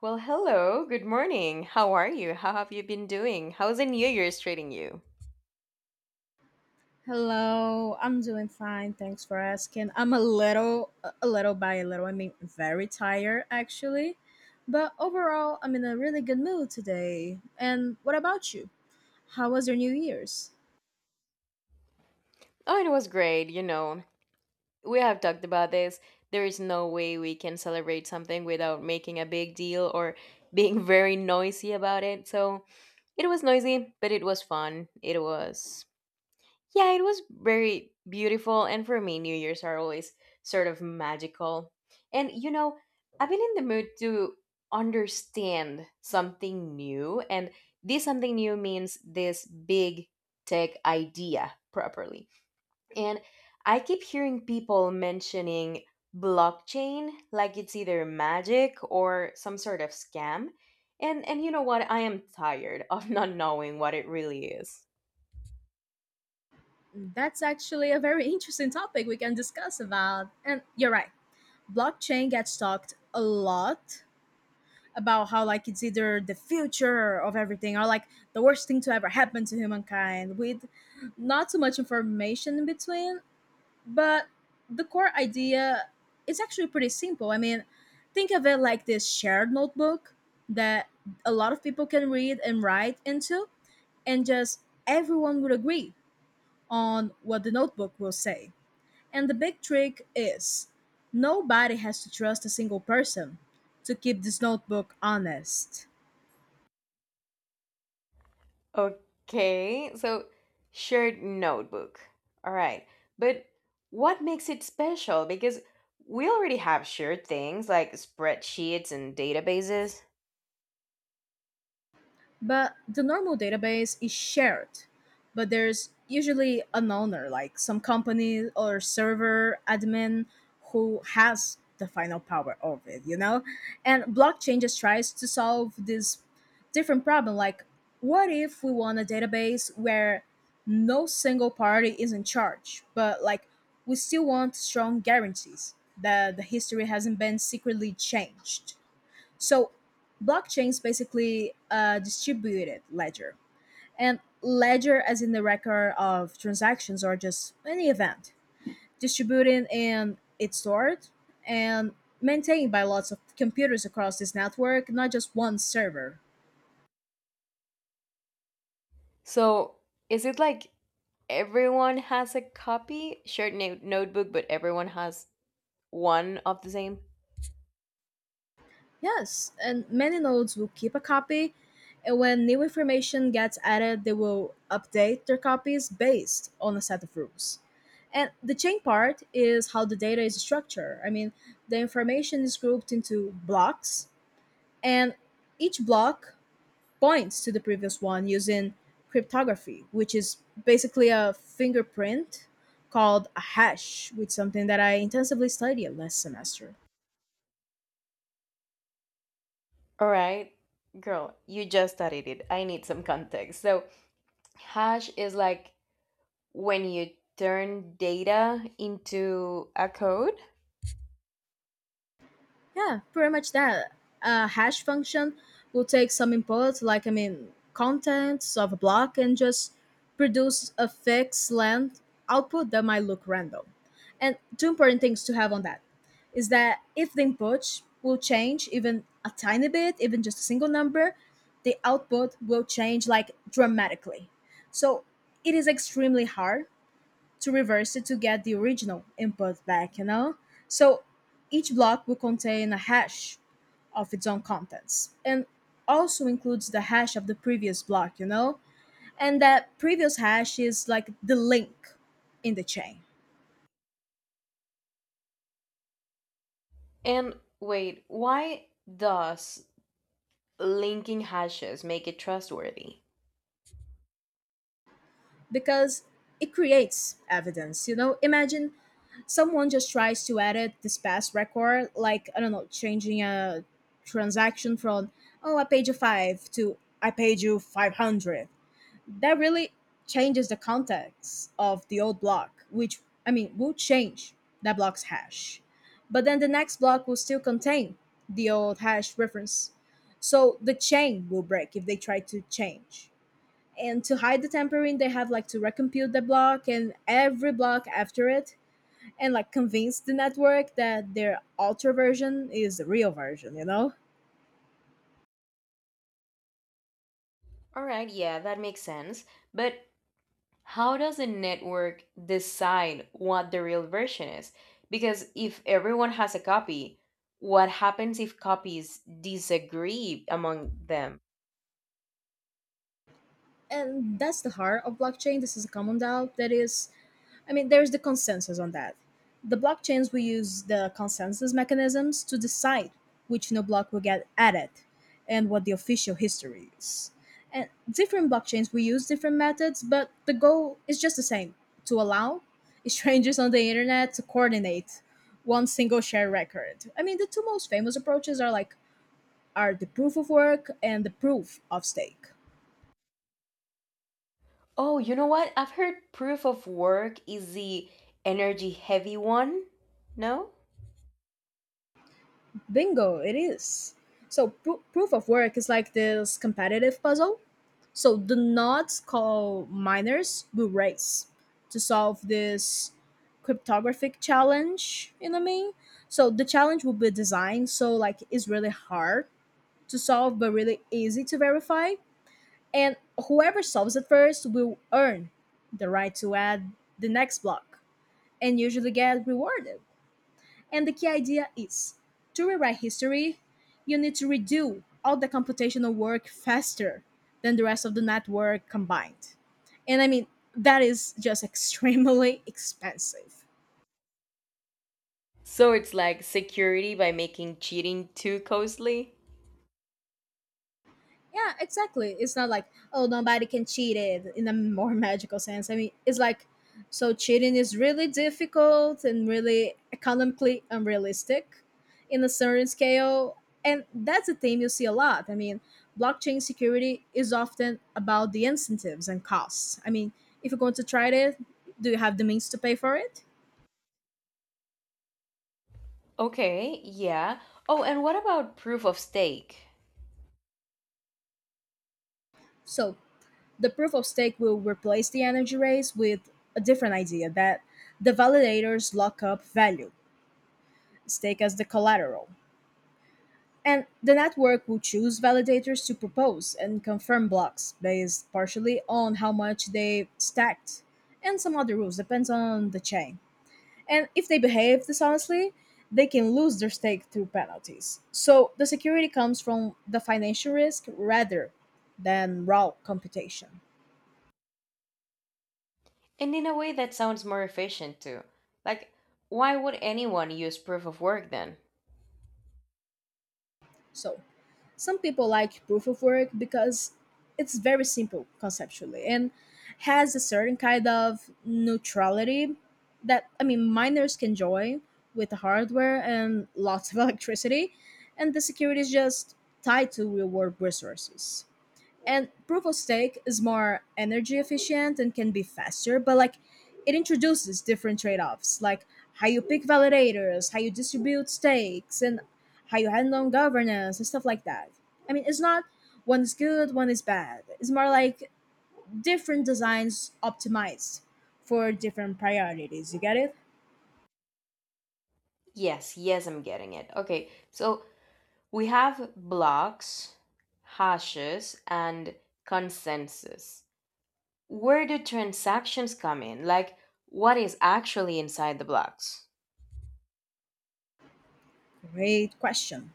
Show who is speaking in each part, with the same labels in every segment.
Speaker 1: Well, hello, good morning. How are you? How have you been doing? How's the New Year's treating you?
Speaker 2: Hello, I'm doing fine. Thanks for asking. I'm a little by a little, I mean, very tired actually. But overall, I'm in a really good mood today. And what about you? How was your New Year's?
Speaker 1: Oh, it was great, you know. We have talked about this. There is no way we can celebrate something without making a big deal or being very noisy about it. So it was noisy, but it was fun. It was. Yeah, it was very beautiful. And for me, New Year's are always sort of magical. And, you know, I've been in the mood to understand something new. And this something new means this big tech idea properly. And I keep hearing people mentioning blockchain like it's either magic or some sort of scam. And you know what? I am tired of not knowing what it really is.
Speaker 2: That's actually a very interesting topic we can discuss about. And you're right, blockchain gets talked a lot about how like it's either the future of everything or like the worst thing to ever happen to humankind with not too much information in between but the core idea is actually pretty simple. I mean, think of it like this shared notebook that a lot of people can read and write into, and just everyone would agree on what the notebook will say. And the big trick is nobody has to trust a single person to keep this notebook honest.
Speaker 1: Okay, so shared notebook. All right. But what makes it special? Because we already have shared things like spreadsheets and databases.
Speaker 2: But the normal database is shared, but there's usually an owner, like some company or server admin who has the final power of it, you know? And blockchain just tries to solve this different problem like what if we want a database where no single party is in charge, but like we still want strong guarantees that the history hasn't been secretly changed. So, blockchains basically a distributed ledger, and ledger as in the record of transactions or just any event. Distributed and it's stored and maintained by lots of computers across this network, not just one server.
Speaker 1: So is it like everyone has a copy, shared notebook, but everyone has one of the same?
Speaker 2: Yes, and many nodes will keep a copy, and when new information gets added, they will update their copies based on a set of rules. And the chain part is how the data is structured. I mean, the information is grouped into blocks, and each block points to the previous one using cryptography, which is basically a fingerprint called a hash, which is something that I intensively studied last semester.
Speaker 1: All right. Girl, you just studied it. I need some context. So hash is like when you turn data into a code.
Speaker 2: Yeah, pretty much that. A hash function will take some input, like I mean, contents of a block, and just produce a fixed length output that might look random. And two important things to have on that is that if the input will change even a tiny bit, even just a single number, the output will change like dramatically. So it is extremely hard to reverse it to get the original input back, you know? So each block will contain a hash of its own contents and also includes the hash of the previous block, you know? And that previous hash is like the link in the chain
Speaker 1: And wait, why does linking hashes make it trustworthy?
Speaker 2: because it creates evidence, you know? Imagine someone just tries to edit this past record, like, I don't know, changing a transaction from, oh, I paid you five to I paid you 500 that really changes the context of the old block, which I mean will change that block's hash. But then the next block will still contain the old hash reference. So the chain will break if they try to change. And to hide the tampering, they have like to recompute the block and every block after it and like convince the network that their alter version is the real version, you know?
Speaker 1: All right, yeah, that makes sense. But how does a network decide what the real version is? Because if everyone has a copy, what happens if copies disagree among them?
Speaker 2: And that's the heart of blockchain. This is a common doubt that is I mean, there's the consensus on that. The blockchains will use the consensus mechanisms to decide which new block will get added and what the official history is. And different blockchains will use different methods, but the goal is just the same to allow strangers on the internet to coordinate one single shared record. I mean, the two most famous approaches are the proof of work and the proof of stake.
Speaker 1: Oh, you know what? I've heard proof of work is the energy heavy one. No?
Speaker 2: Bingo, it is. So proof of work is like this competitive puzzle. So the nodes called miners will race to solve this cryptographic challenge, you know what I mean? So the challenge will be designed so like it's really hard to solve but really easy to verify. And whoever solves it first will earn the right to add the next block and usually get rewarded. And the key idea is to rewrite history, you need to redo all the computational work faster than the rest of the network combined. And I mean, that is just extremely expensive.
Speaker 1: So it's like security by making cheating too costly?
Speaker 2: Yeah, exactly. It's not like, oh, nobody can cheat it in a more magical sense. I mean, it's like, so cheating is really difficult and really economically unrealistic in a certain scale. And that's a theme you see a lot. I mean, blockchain security is often about the incentives and costs. I mean, if you're going to try it, do you have the means to pay for it?
Speaker 1: Okay, yeah. Oh, and what about proof of stake?
Speaker 2: So the proof of stake will replace the energy race with a different idea that the validators lock up value stake as the collateral. And the network will choose validators to propose and confirm blocks based partially on how much they stacked and some other rules, depends on the chain. And if they behave dishonestly, they can lose their stake through penalties. So the security comes from the financial risk rather than raw computation.
Speaker 1: And in a way that sounds more efficient too. Like, why would anyone use proof of work then?
Speaker 2: So some people like proof of work because it's very simple conceptually and has a certain kind of neutrality that, I mean, miners can join with the hardware and lots of electricity, and the security is just tied to real world resources. And proof of stake is more energy efficient and can be faster, but like it introduces different trade offs, like how you pick validators, how you distribute stakes, and how you handle governance and stuff like that. I mean, it's not one is good, one is bad. It's more like different designs optimized for different priorities. You get it?
Speaker 1: Yes, yes, I'm getting it. Okay, so we have blocks, hashes, and consensus. Where do transactions come in? Like, what is actually inside the blocks?
Speaker 2: Great question.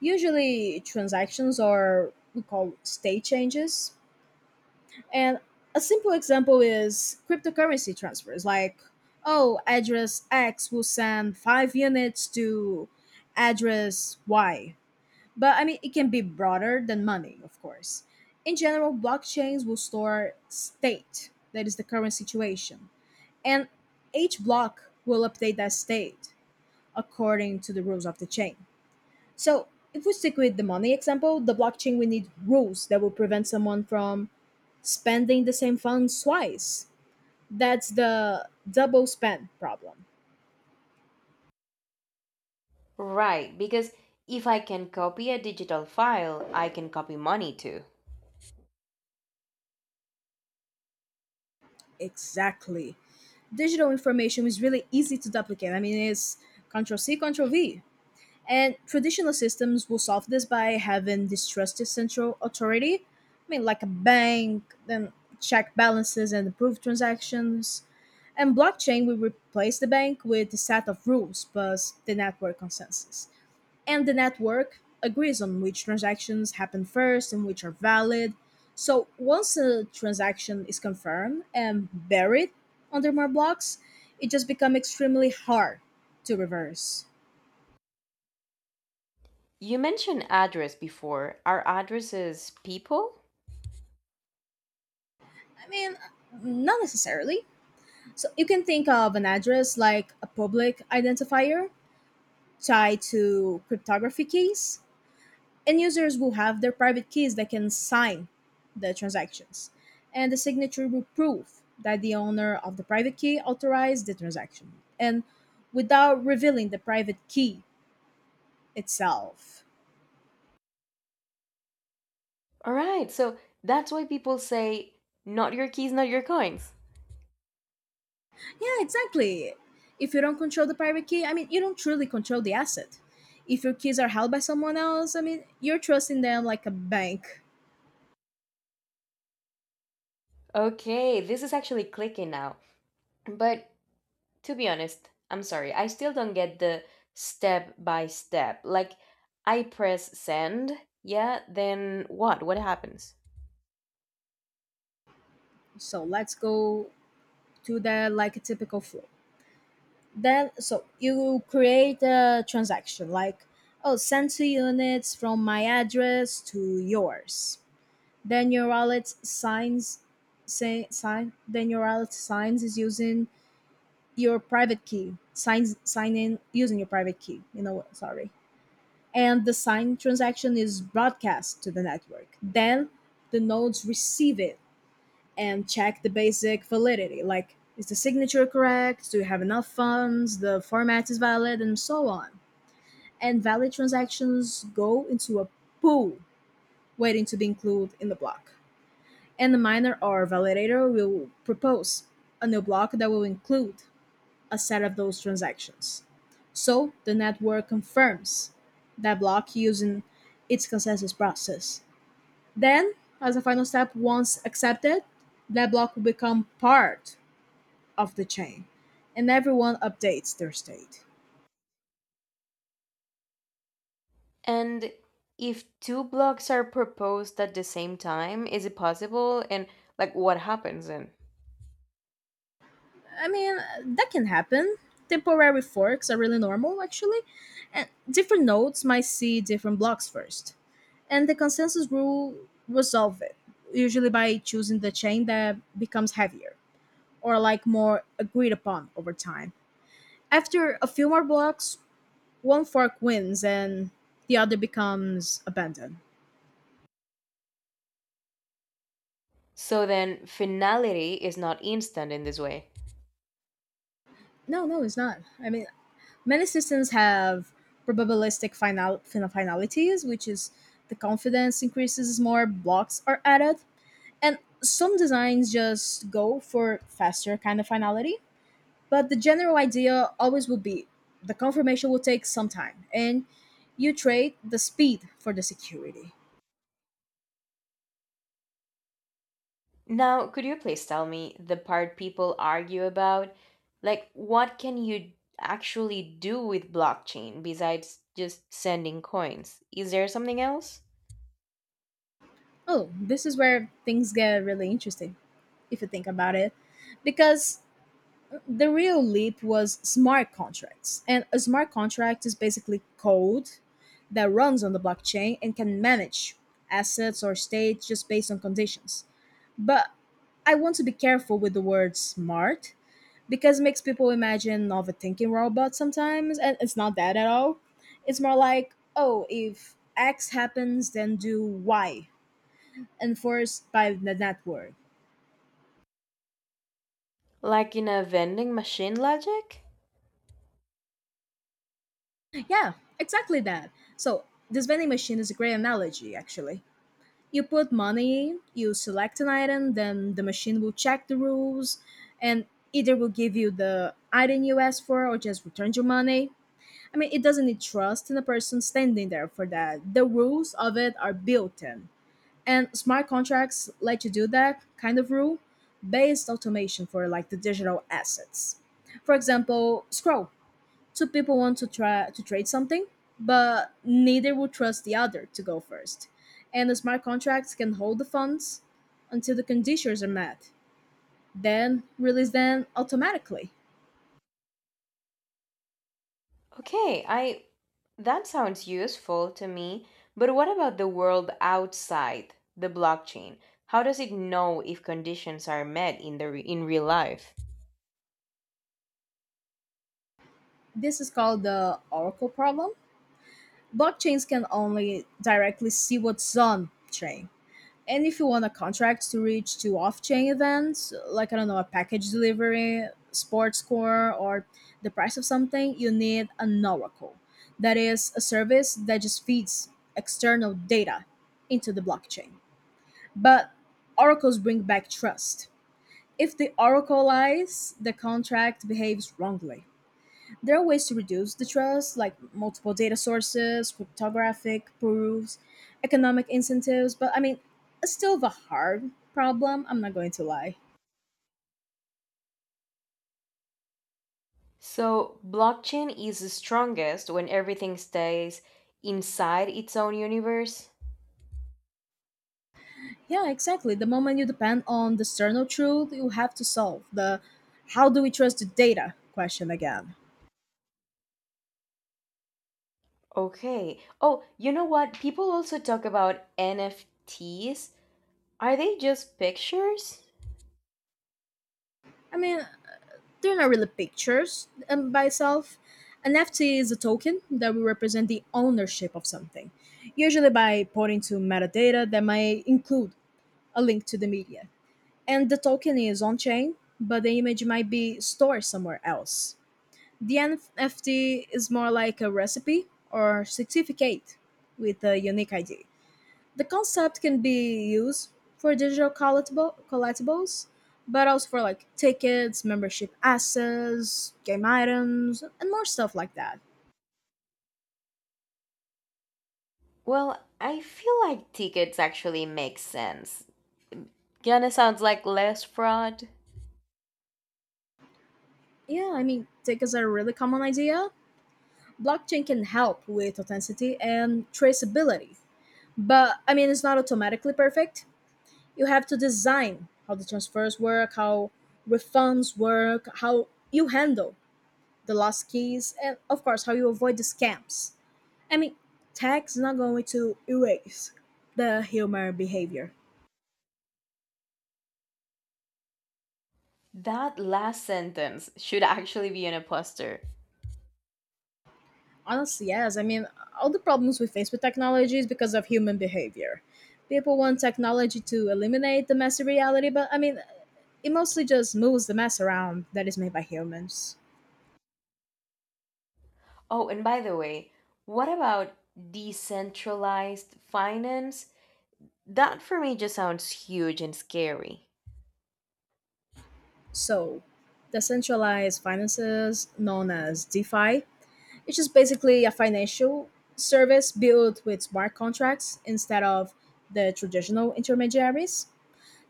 Speaker 2: Usually, transactions are we call state changes. And a simple example is cryptocurrency transfers. Like, oh, address X will send five units to address Y. But I mean, it can be broader than money, of course. In general, blockchains will store state, that is the current situation. And each block will update that state according to the rules of the chain. So, if we stick with the money example, the blockchain will need rules that will prevent someone from spending the same funds twice. That's the double spend problem.
Speaker 1: Right, because if I can copy a digital file, I can copy money too.
Speaker 2: Exactly. Digital information is really easy to duplicate. I mean, it's Control C, Control V. And traditional systems will solve this by having distrusted central authority. I mean, like a bank, then check balances and approve transactions. And blockchain will replace the bank with a set of rules plus the network consensus. And the network agrees on which transactions happen first and which are valid. So once a transaction is confirmed and buried under more blocks, it just becomes extremely hard to reverse.
Speaker 1: You mentioned address before. Are addresses people?
Speaker 2: I mean, not necessarily. So you can think of an address like a public identifier tied to cryptography keys, and users will have their private keys that can sign the transactions. And the signature will prove that the owner of the private key authorized the transaction and without revealing the private key itself.
Speaker 1: All right, so that's why people say, not your keys, not your coins.
Speaker 2: Yeah, exactly. If you don't control the private key, I mean, you don't truly control the asset. If your keys are held by someone else, I mean, you're trusting them like a bank.
Speaker 1: Okay, this is actually clicking now. But to be honest, I'm sorry, I still don't get the step by step. Like, I press send, yeah, then what? What happens?
Speaker 2: So let's go to that like a typical flow. Then, so you create a transaction like, oh, send two units from my address to yours. Then your wallet signs, say, sign. Then your wallet signs is using your private key. Signs, sign in using your private key. You know what? Sorry and the signed transaction is broadcast to the network. Then the nodes receive it and check the basic validity, like is the signature correct? Do you have enough funds? The format is valid, and so on. And valid transactions go into a pool waiting to be included in the block. And the miner or validator will propose a new block that will include a set of those transactions. So the network confirms that block using its consensus process. Then, as a final step, once accepted, that block will become part of the chain and everyone updates their state.
Speaker 1: And if two blocks are proposed at the same time, is it possible? And like, what happens then?
Speaker 2: I mean, that can happen. Temporary forks are really normal, actually, and different nodes might see different blocks first. And the consensus rule resolve it, usually by choosing the chain that becomes heavier, or like more agreed upon over time. After a few more blocks, one fork wins and the other becomes abandoned.
Speaker 1: So then, finality is not instant in this way.
Speaker 2: No, no, it's not. I mean, many systems have probabilistic finalities, which is the confidence increases as more blocks are added. And some designs just go for faster kind of finality. But the general idea always will be the confirmation will take some time and you trade the speed for the security.
Speaker 1: Now, could you please tell me the part people argue about? Like, what can you actually do with blockchain besides just sending coins? Is there something else?
Speaker 2: Oh, this is where things get really interesting if you think about it. Because the real leap was smart contracts. And a smart contract is basically code that runs on the blockchain and can manage assets or states just based on conditions. But I want to be careful with the word smart because it makes people imagine of a thinking robot sometimes, and it's not that at all. It's more like, oh, if X happens, then do Y enforced by the network.
Speaker 1: Like in a vending machine logic?
Speaker 2: Yeah, exactly that. So, this vending machine is a great analogy, actually. You put money, you select an item, then the machine will check the rules and either will give you the item you asked for or just return your money. I mean, it doesn't need trust in the person standing there for that. The rules of it are built in. And smart contracts let you do that kind of rule based automation for like the digital assets. For example, Scroll Two people want to try to trade something, but neither will trust the other to go first. And the smart contracts can hold the funds until the conditions are met, then release them automatically.
Speaker 1: Okay, I. That sounds useful to me, but what about the world outside the blockchain? How does it know if conditions are met in the in real life?
Speaker 2: This is called the Oracle problem. Blockchains can only directly see what's on chain. And if you want a contract to reach to off chain events, like I don't know, a package delivery, sports score, or the price of something, you need an oracle. That is a service that just feeds external data into the blockchain. But oracles bring back trust. If the oracle lies, the contract behaves wrongly. There are ways to reduce the trust, like multiple data sources, cryptographic proofs, economic incentives, but I mean, it's still the hard problem, I'm not going to lie.
Speaker 1: So, blockchain is strongest when everything stays inside its own universe.
Speaker 2: Yeah, exactly. The moment you depend on the external truth, you have to solve the how do we trust the data question again.
Speaker 1: Okay. Oh, you know what? People also talk about NFTs. Are they just pictures?
Speaker 2: I mean, they're not really pictures by itself. An NFT is a token that will represent the ownership of something, usually by pointing to metadata that might include a link to the media. And the token is on chain, but the image might be stored somewhere else. The NFT is more like a recipe or certificate with a unique ID. The concept can be used for collectibles, but also for like tickets, membership assets, game items, and more stuff like that.
Speaker 1: Well, I feel like tickets actually make sense. Kinda sounds like less fraud.
Speaker 2: Yeah, I mean, tickets are a really common idea. Blockchain can help with authenticity and traceability, but I mean, it's not automatically perfect you have to design how the transfers work, how refunds work, how you handle the lost keys, and of course, how you avoid the scams. I mean, tech is not going to erase the human behavior.
Speaker 1: That last sentence should actually be in a poster.
Speaker 2: Honestly, yes. I mean, all the problems we face with technology is because of human behavior. People want technology to eliminate the messy reality, but I mean, it mostly just moves the mess around that is made by humans.
Speaker 1: Oh, and by the way, what about decentralized finance? That for me just sounds huge and scary.
Speaker 2: So, decentralized finances, known as DeFi, it's just basically a financial service built with smart contracts instead of the traditional intermediaries.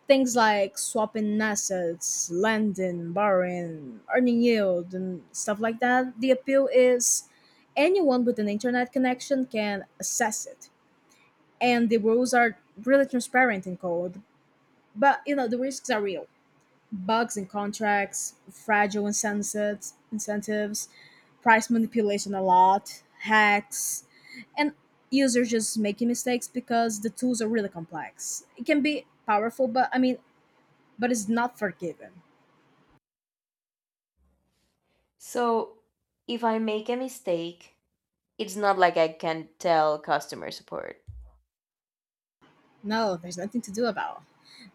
Speaker 2: Things like swapping assets, lending, borrowing, earning yield, and stuff like that. The appeal is anyone with an internet connection can access it. And the rules are really transparent in code, but you know, the risks are real bugs in contracts, fragile incentives, incentives, price manipulation a lot, hacks, and users just making mistakes because the tools are really complex. It can be powerful, but I mean, but it's not forgiven.
Speaker 1: So, if I make a mistake, it's not like I can tell customer support.
Speaker 2: No, there's nothing to do about.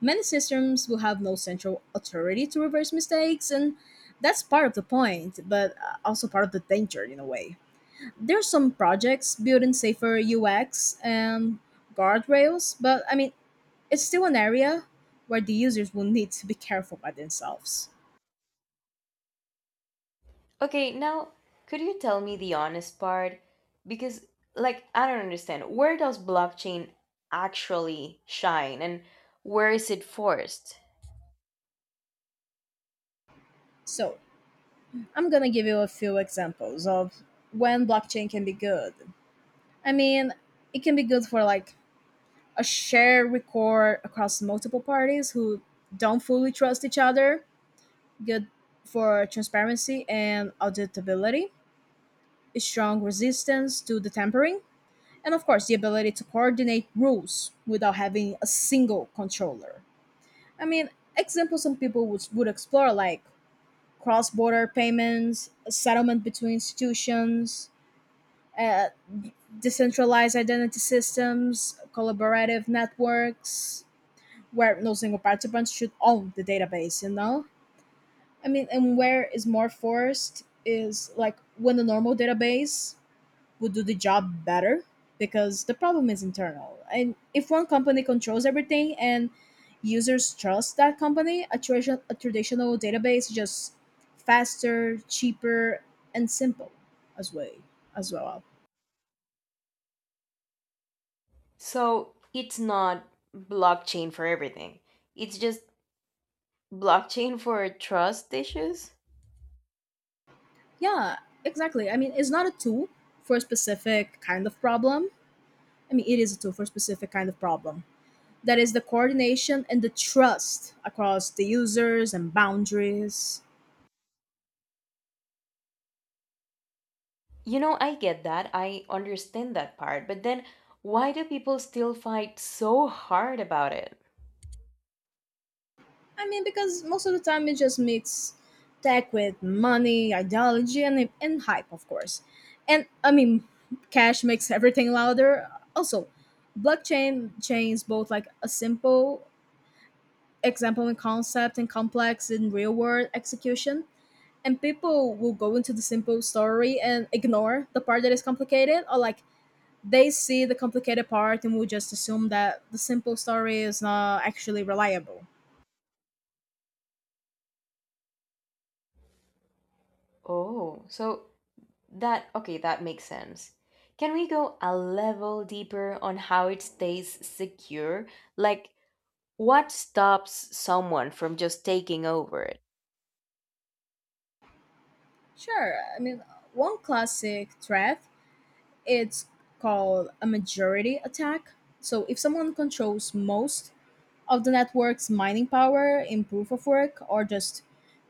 Speaker 2: Many systems will have no central authority to reverse mistakes, and that's part of the point, but also part of the danger in a way. There are some projects building safer UX and guardrails, but I mean, it's still an area where the users will need to be careful by themselves.
Speaker 1: Okay, now, could you tell me the honest part? Because, like, I don't understand. Where does blockchain actually shine and where is it forced?
Speaker 2: So, I'm going to give you a few examples of when blockchain can be good. I mean, it can be good for like a shared record across multiple parties who don't fully trust each other, good for transparency and auditability, strong resistance to the tampering, and of course, the ability to coordinate rules without having a single controller. I mean, examples some people would explore like cross border payments, settlement between institutions, uh, decentralized identity systems, collaborative networks, where no single participant should own the database, you know? I mean, and where is more forced is like when the normal database would do the job better because the problem is internal. And if one company controls everything and users trust that company, a traditional database is just faster, cheaper, and simple as way as well.
Speaker 1: So, it's not blockchain for everything, it's just blockchain for trust issues?
Speaker 2: Yeah, exactly. I mean, it's not a tool for a specific kind of problem. I mean, it is a tool for a specific kind of problem. That is the coordination and the trust across the users and boundaries.
Speaker 1: You know, I get that. I understand that part. But then why do people still fight so hard about it?
Speaker 2: I mean, because most of the time it just meets tech with money, ideology, and hype, of course. And I mean, cash makes everything louder. Also, blockchain chains both like a simple example in concept and complex in real world execution. And people will go into the simple story and ignore the part that is complicated, or like they see the complicated part and will just assume that the simple story is not actually reliable.
Speaker 1: Oh, so that, okay, that makes sense. Can we go a level deeper on how it stays secure? Like, what stops someone from just taking over it?
Speaker 2: Sure. I mean, one classic threat it's called a majority attack. So if someone controls most of the network's mining power in proof of work or just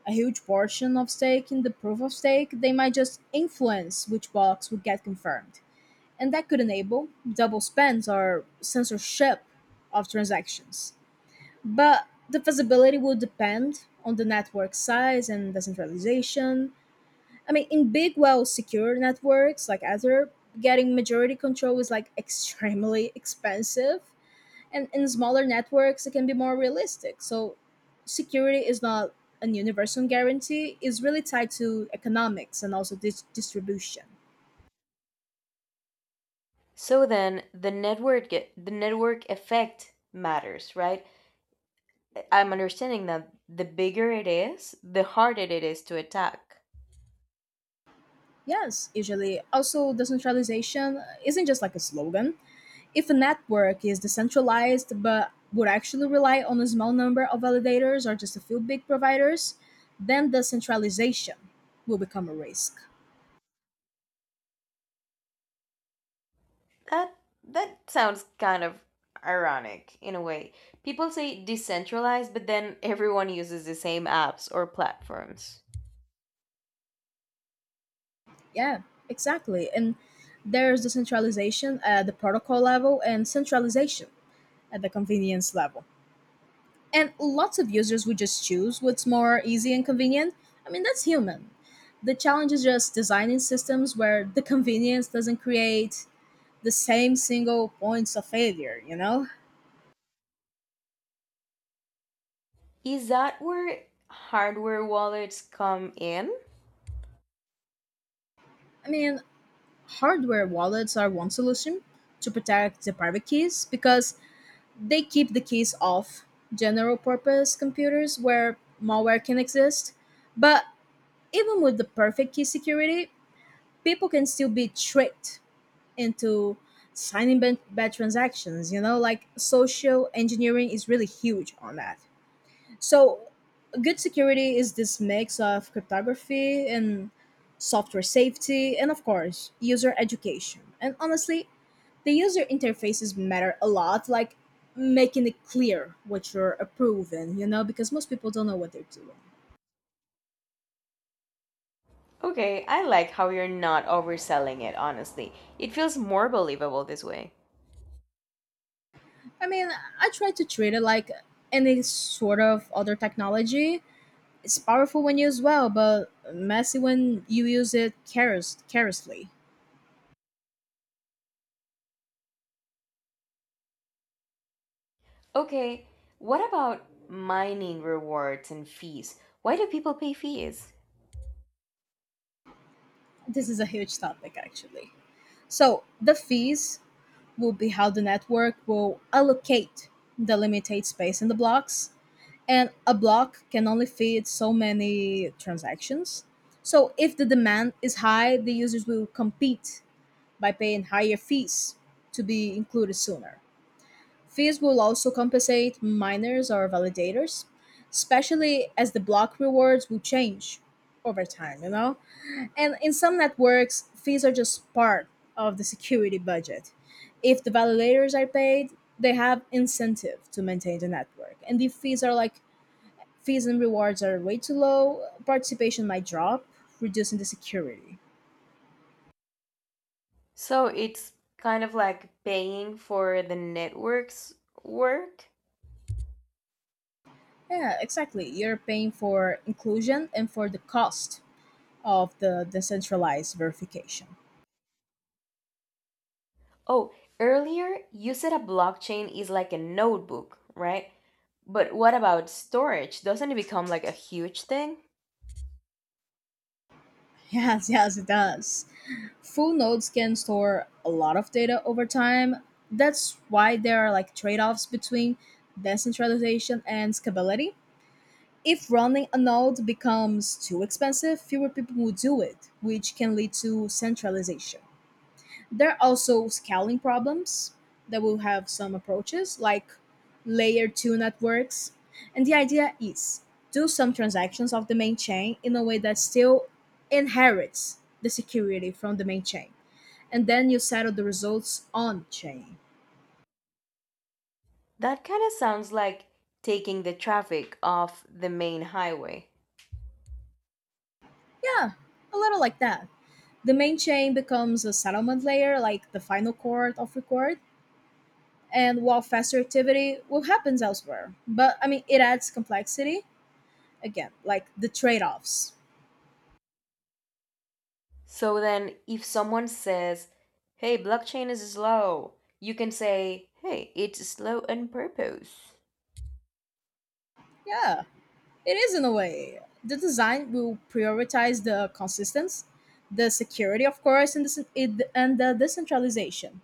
Speaker 2: a huge portion of stake in the proof of stake, they might just influence which blocks would get confirmed. And that could enable double spends or censorship of transactions. But the feasibility will depend on the network size and decentralization, I mean, in big, well secure networks like Ether, getting majority control is like extremely expensive. And in smaller networks, it can be more realistic. So, security is not an universal guarantee, it's really tied to economics and also distribution.
Speaker 1: So then the network effect matters, right? I'm understanding that the bigger it is, the harder it is to attack.
Speaker 2: Yes, usually. Also, decentralization isn't just like a slogan, if a network is decentralized but would actually rely on a small number of validators or just a few big providers, then the centralization will become a risk.
Speaker 1: That that sounds kind of ironic in a way. People say decentralized, but then everyone uses the same apps or platforms.
Speaker 2: Yeah, exactly. And there's decentralization at the protocol level and centralization at the convenience level. And lots of users would just choose what's more easy and convenient. I mean, that's human. The challenge is just designing systems where the convenience doesn't create the same single points of failure, you know?
Speaker 1: Is that where hardware wallets come in?
Speaker 2: I mean, hardware wallets are one solution to protect the private keys because they keep the keys off general purpose computers where malware can exist. But even with the perfect key security, people can still be tricked into signing bad transactions, you know, like social engineering is really huge on that. So, good security is this mix of cryptography and software safety, and of course, user education. And honestly, the user interfaces matter a lot, like making it clear what you're approving, you know, because most people don't know what they're doing.
Speaker 1: Okay, I like how you're not overselling it, honestly. It feels more believable this way.
Speaker 2: I mean, I try to treat it like any sort of other technology. It's powerful when used well, but messy when you use it carelessly.
Speaker 1: Okay, what about mining rewards and fees? Why do people pay fees?
Speaker 2: This is a huge topic, actually. So the fees will be how the network will allocate the limited space in the blocks. And a block can only fit so many transactions. So if the demand is high, the users will compete by paying higher fees to be included sooner. Fees will also compensate miners or validators, especially as the block rewards will change over time, you know? And in some networks, fees are just part of the security budget. If the validators are paid, they have incentive to maintain the network. And if fees are like fees and rewards are way too low, participation might drop, reducing the security.
Speaker 1: So it's kind of like paying for the network's work?
Speaker 2: Yeah, exactly. You're paying for inclusion and for the cost of the decentralized verification.
Speaker 1: Oh, earlier you said a blockchain is like a notebook, right? But what about storage? Doesn't it become like a huge thing?
Speaker 2: Yes, yes, it does. Full nodes can store a lot of data over time. That's why there are like trade-offs between decentralization and scalability. If running a node becomes too expensive, fewer people will do it, which can lead to centralization. There are also scaling problems that will have some approaches like layer 2 networks. And the idea is do some transactions of the main chain in a way that still inherits the security from the main chain and then you settle the results on chain.
Speaker 1: That kind of sounds like taking the traffic off the main highway.
Speaker 2: Yeah, a little like that. The main chain becomes a settlement layer, like the final court of record, and while faster activity will happens elsewhere. But I mean, it adds complexity again, like the trade-offs.
Speaker 1: So then, if someone says, hey, blockchain is slow, you can say, hey, it's slow on purpose.
Speaker 2: Yeah, it is in a way. The design will prioritize the consistency, the security, of course, and and the decentralization.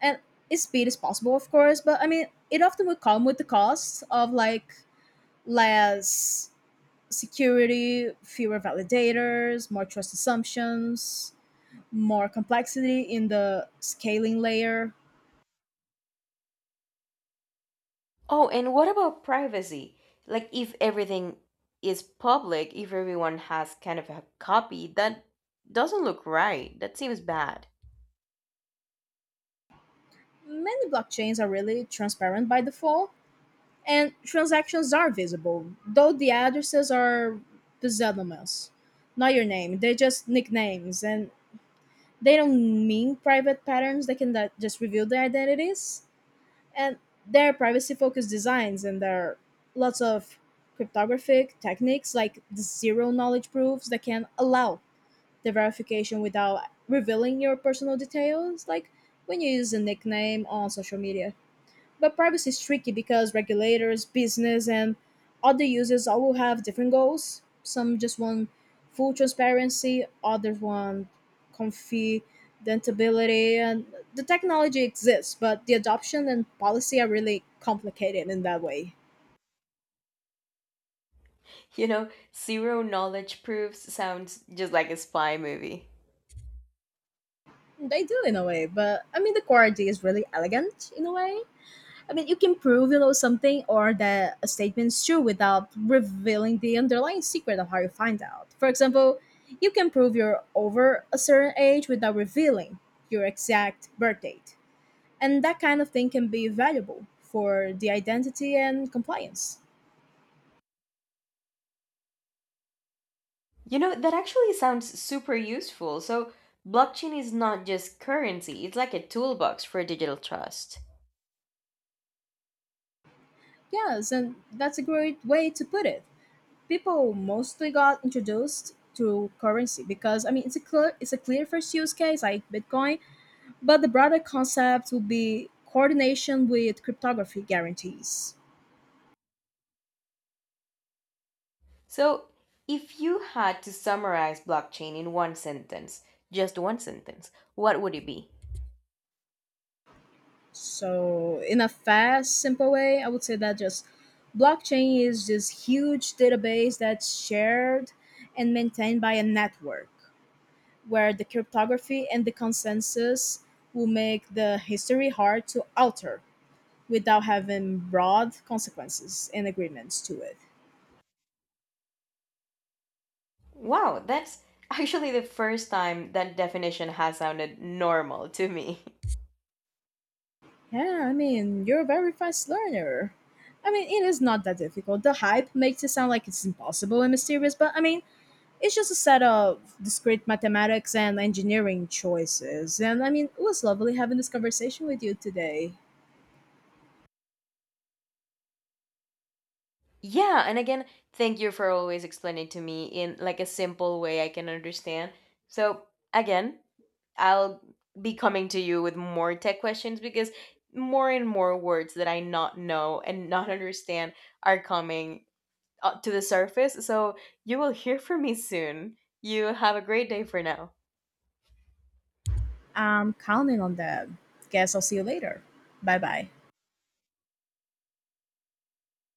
Speaker 2: And its speed is possible, of course, but I mean, it often will come with the costs of like less security, fewer validators, more trust assumptions, more complexity in the scaling layer.
Speaker 1: Oh, and what about privacy? Like, if everything is public, if everyone has kind of a copy, that doesn't look right. That seems bad.
Speaker 2: Many blockchains are really transparent by default, and transactions are visible, though the addresses are pseudonymous, not your name. They're just nicknames, and they don't mean private patterns. They can just reveal the identities. And their privacy focused designs and there are lots of cryptographic techniques like the zero knowledge proofs that can allow the verification without revealing your personal details like when you use a nickname on social media but privacy is tricky because regulators, business, and other users all will have different goals. Some just want full transparency, others want confidentability, and the technology exists, but the adoption and policy are really complicated in that way.
Speaker 1: You know, zero knowledge proofs sounds just like a spy movie.
Speaker 2: They do in a way, but I mean the core idea is really elegant in a way. I mean, you can prove you know something or that a statement's true without revealing the underlying secret of how you find out. For example, you can prove you're over a certain age without revealing your exact birth date. And that kind of thing can be valuable for the identity and compliance.
Speaker 1: You know, that actually sounds super useful. So, blockchain is not just currency, it's like a toolbox for digital trust.
Speaker 2: Yes, and that's a great way to put it. People mostly got introduced to currency because I mean it's a clear first use case like Bitcoin. But the broader concept would be coordination with cryptography guarantees.
Speaker 1: So, if you had to summarize blockchain in one sentence, just one sentence, what would it be?
Speaker 2: So, in a fast, simple way, I would say that just blockchain is this huge database that's shared and maintained by a network where the cryptography and the consensus will make the history hard to alter without having broad consequences and agreements to it.
Speaker 1: Wow, that's actually the first time that definition has sounded normal to me.
Speaker 2: Yeah, I mean, you're a very fast learner. I mean, it is not that difficult. The hype makes it sound like it's impossible and mysterious, but I mean, it's just a set of discrete mathematics and engineering choices. And I mean, it was lovely having this conversation with you today.
Speaker 1: Yeah, and again, thank you for always explaining to me in like a simple way I can understand. So, again, I'll be coming to you with more tech questions because more and more words that I not know and not understand are coming up to the surface. So, you will hear from me soon. You have a great day for now.
Speaker 2: I'm counting on that. Guess I'll see you later. Bye bye.